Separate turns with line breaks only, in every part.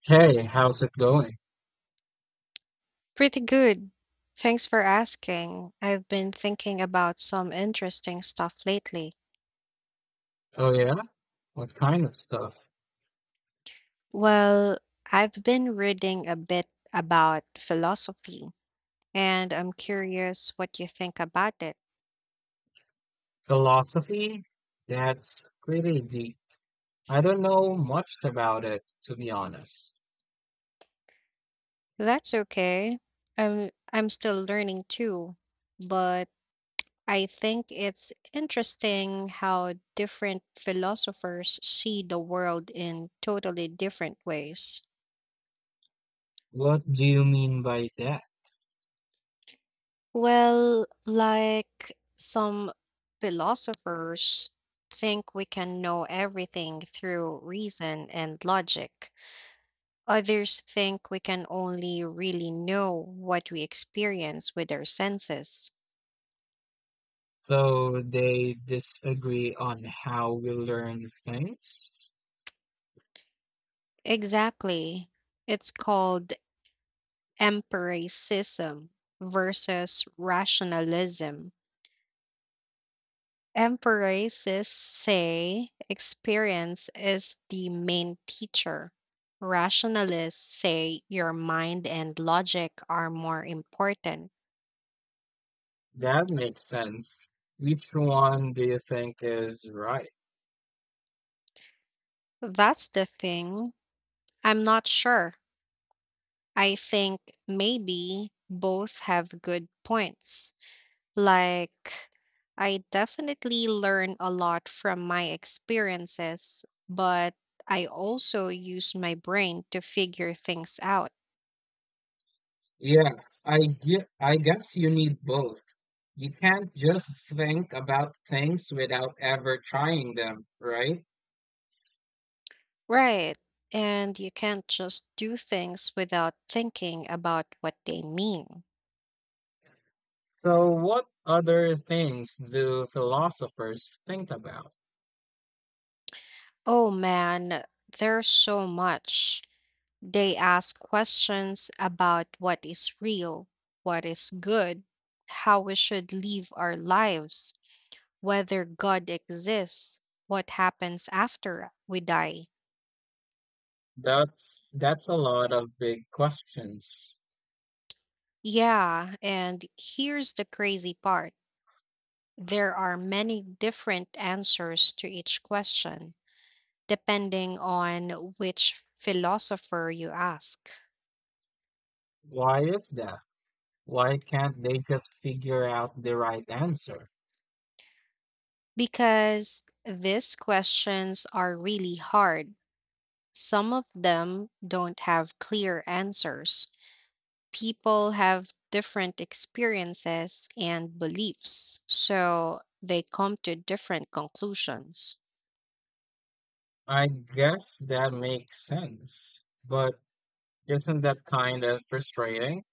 Hey, how's it going?
Pretty good. Thanks for asking. I've been thinking about some interesting stuff lately.
Oh, yeah? What kind of stuff?
Well, I've been reading a bit about philosophy, and I'm curious what you think about it.
Philosophy? That's pretty deep. I don't know much about it, to be honest.
That's okay. I'm still learning too, but I think it's interesting how different philosophers see the world in totally different ways.
What do you mean by that?
Well, like some philosophers think we can know everything through reason and logic. Others think we can only really know what we experience with our senses.
So they disagree on how we learn things?
Exactly. It's called empiricism versus rationalism. Empresses say experience is the main teacher. Rationalists say your mind and logic are more important.
That makes sense. Which one do you think is right?
That's the thing. I'm not sure. I think maybe both have good points. Like, I definitely learn a lot from my experiences, but I also use my brain to figure things out.
Yeah, I guess you need both. You can't just think about things without ever trying them, right?
Right. And you can't just do things without thinking about what they mean.
So, what other things do philosophers think about?
Oh man, there's so much. They ask questions about what is real, what is good, how we should live our lives, whether God exists, what happens after we die.
That's a lot of big questions.
Yeah, and here's the crazy part: there are many different answers to each question, depending on which philosopher you ask.
Why is that? Why can't they just figure out the right answer?
Because these questions are really hard. Some of them don't have clear answers. People have different experiences and beliefs, so they come to different conclusions.
I guess that makes sense, but isn't that kind of frustrating?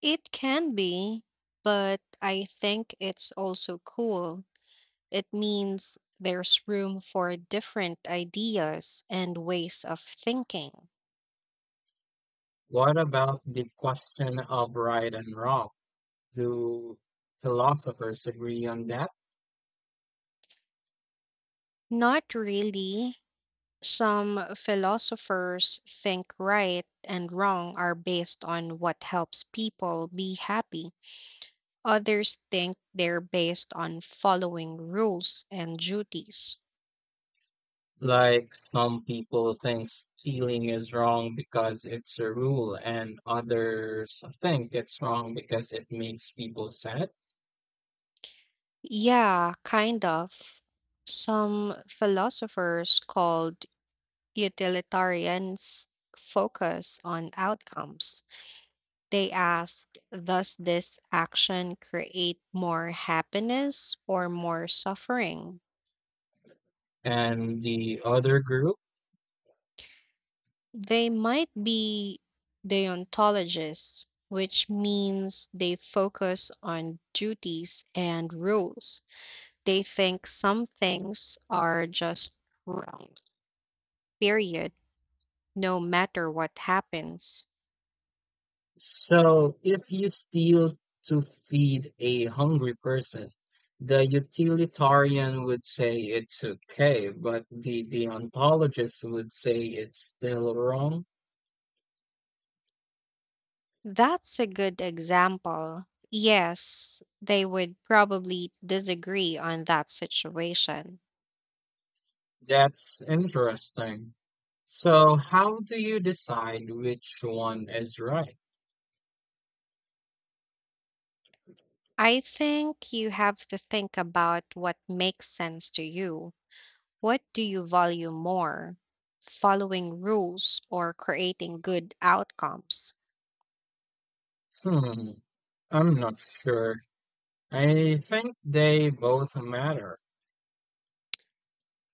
It can be, but I think it's also cool. It means there's room for different ideas and ways of thinking.
What about the question of right and wrong? Do philosophers agree on that?
Not really. Some philosophers think right and wrong are based on what helps people be happy. Others think they're based on following rules and duties.
Like some people think stealing is wrong because it's a rule, and others think it's wrong because it makes people sad.
Yeah, kind of. Some philosophers called utilitarians focus on outcomes. They asked, "Does this action create more happiness or more suffering?"
And the other group.
They might be deontologists, which means they focus on duties and rules. They think some things are just right, period, no matter what happens.
So if you steal to feed a hungry person, the utilitarian would say it's okay, but the deontologist would say it's still wrong.
That's a good example. Yes, they would probably disagree on that situation.
That's interesting. So how do you decide which one is right?
I think you have to think about what makes sense to you. What do you value more? Following rules or creating good outcomes?
Hmm, I'm not sure. I think they both matter.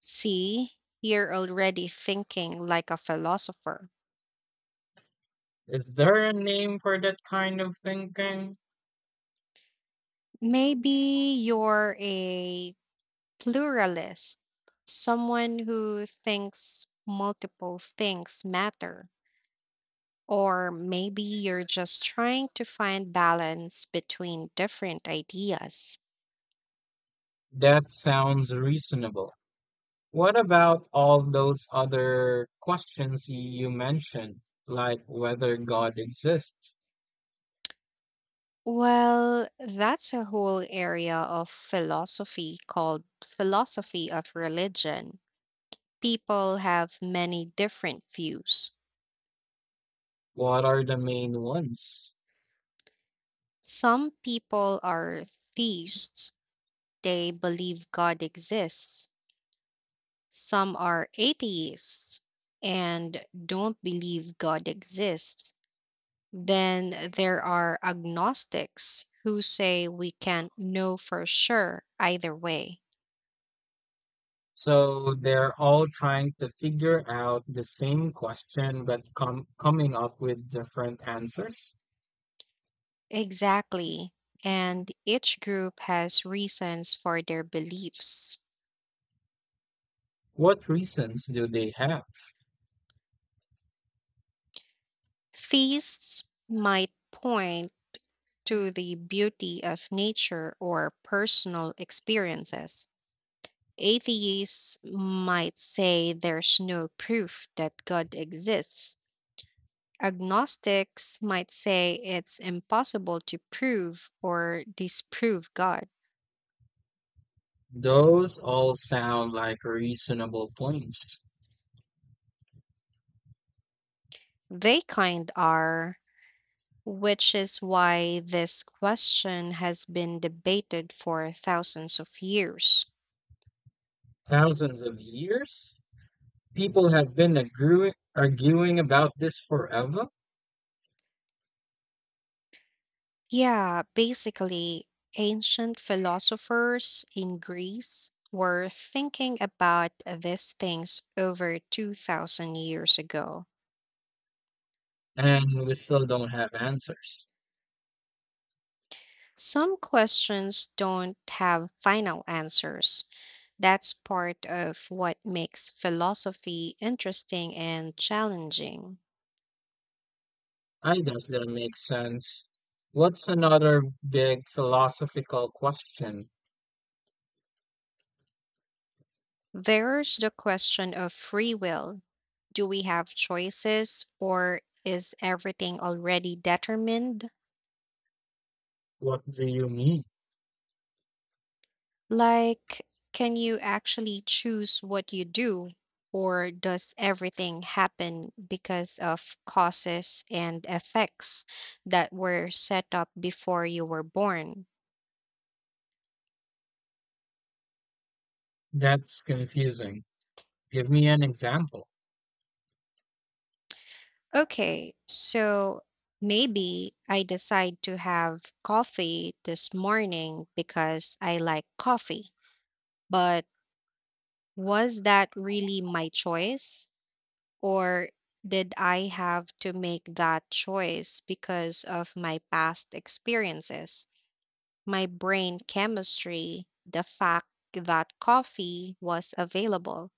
See, you're already thinking like a philosopher.
Is there a name for that kind of thinking?
Maybe you're a pluralist, someone who thinks multiple things matter. Or maybe you're just trying to find balance between different ideas.
That sounds reasonable. What about all those other questions you mentioned, like whether God exists?
Well, that's a whole area of philosophy called philosophy of religion. People have many different views.
What are the main ones?
Some people are theists, they believe God exists. Some are atheists and don't believe God exists. Then there are agnostics who say we can't know for sure either way.
So they're all trying to figure out the same question but coming up with different answers?
Exactly. And each group has reasons for their beliefs.
What reasons do they have?
Theists might point to the beauty of nature or personal experiences. Atheists might say there's no proof that God exists. Agnostics might say it's impossible to prove or disprove God.
Those all sound like reasonable points.
They kind are, which is why this question has been debated for thousands of years.
Thousands of years? People have been arguing about this forever,
Yeah, basically, ancient philosophers in Greece were thinking about these things over 2,000 years ago.
and we still don't have answers.
Some questions don't have final answers. That's part of what makes philosophy interesting and challenging.
I guess that makes sense. What's another big philosophical question?
There's the question of free will. Do we have choices, or is everything already determined?
What do you mean?
Like, can you actually choose what you do, or does everything happen because of causes and effects that were set up before you were born?
That's confusing. Give me an example.
Okay, so maybe I decide to have coffee this morning because I like coffee, but was that really my choice? Or did I have to make that choice because of my past experiences, my brain chemistry, the fact that coffee was available?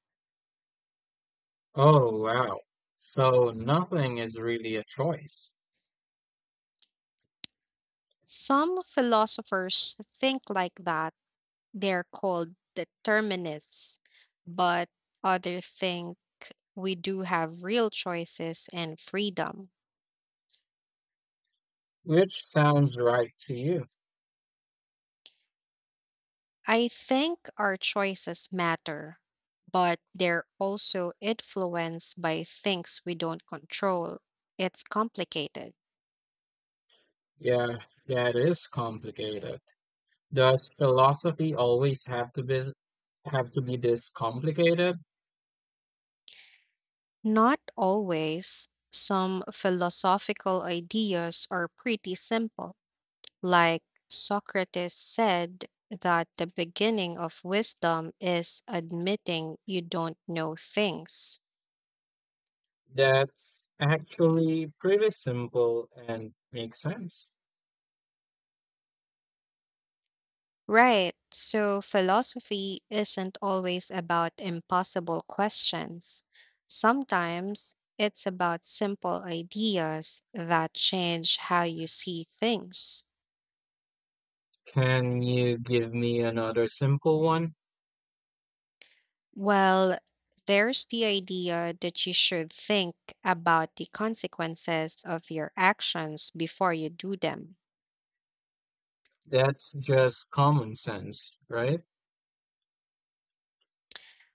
Oh, wow. So nothing is really a choice.
Some philosophers think like that. They're called determinists, but others think we do have real choices and freedom.
Which sounds right to you?
I think our choices matter, but they're also influenced by things we don't control. It's complicated.
Yeah, that is complicated. Does philosophy always have to be this complicated?
Not always. Some philosophical ideas are pretty simple, like Socrates said that the beginning of wisdom is admitting you don't know things.
That's actually pretty simple and makes sense.
Right. So philosophy isn't always about impossible questions. Sometimes it's about simple ideas that change how you see things.
Can you give me another simple one?
Well, there's the idea that you should think about the consequences of your actions before you do them.
That's just common sense, right?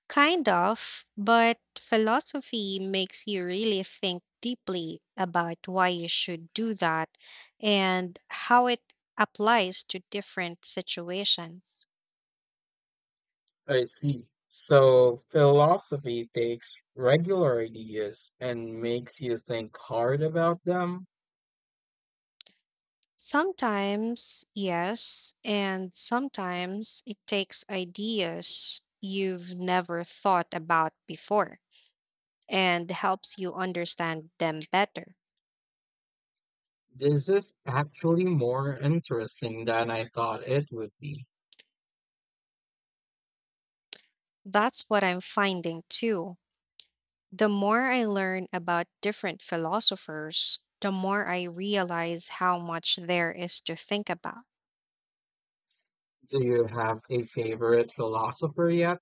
Kind of, but philosophy makes you really think deeply about why you should do that and how it applies to different situations.
I see. So philosophy takes regular ideas and makes you think hard about them.
Sometimes, yes, and sometimes it takes ideas you've never thought about before and helps you understand them better.
This is actually more interesting than I thought it would be.
That's what I'm finding too. The more I learn about different philosophers, the more I realize how much there is to think about.
Do you have a favorite philosopher yet?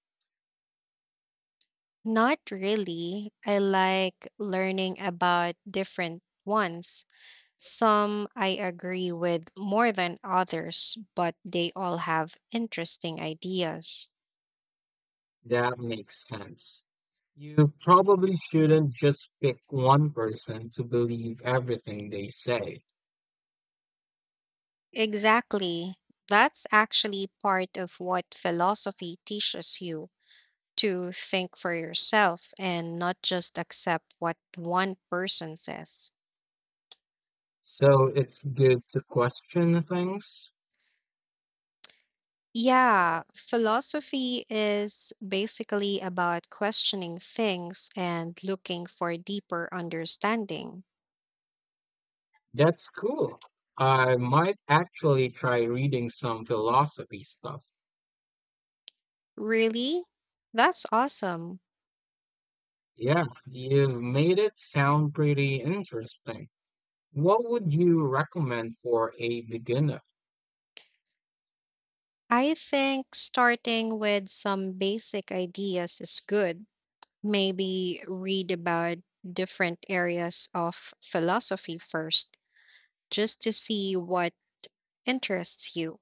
Not really. I like learning about different ones. Some I agree with more than others, but they all have interesting ideas.
That makes sense. You probably shouldn't just pick one person to believe everything they say.
Exactly. That's actually part of what philosophy teaches you, to think for yourself and not just accept what one person says.
So it's good to question things.
Yeah, philosophy is basically about questioning things and looking for deeper understanding.
That's cool. I might actually try reading some philosophy stuff.
Really? That's awesome.
Yeah, you've made it sound pretty interesting. What would you recommend for a beginner?
I think starting with some basic ideas is good. Maybe read about different areas of philosophy first, just to see what interests you.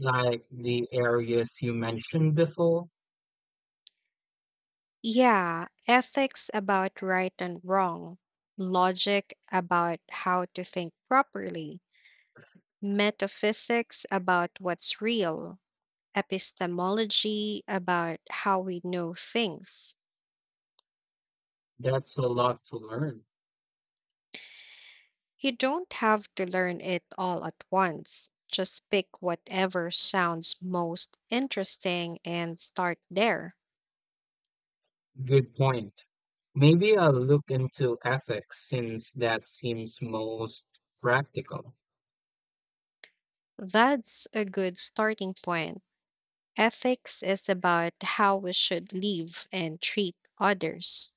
Like the areas you mentioned before?
Yeah, ethics about right and wrong, logic about how to think properly, metaphysics about what's real, epistemology about how we know things.
That's a lot to learn.
You don't have to learn it all at once. Just pick whatever sounds most interesting and start there.
Good point. Maybe I'll look into ethics since that seems most practical.
That's a good starting point. Ethics is about how we should live and treat others.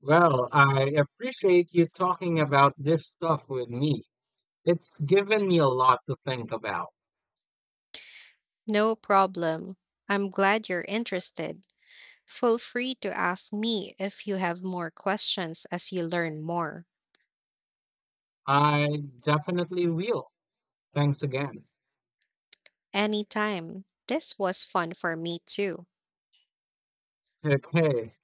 Well, I appreciate you talking about this stuff with me. It's given me a lot to think about.
No problem. I'm glad you're interested. Feel free to ask me if you have more questions as you learn more.
I definitely will. Thanks again.
Anytime. This was fun for me too.
Okay.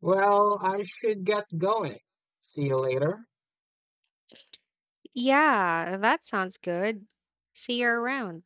Well, I should get going. See you later.
Yeah, that sounds good. See you around.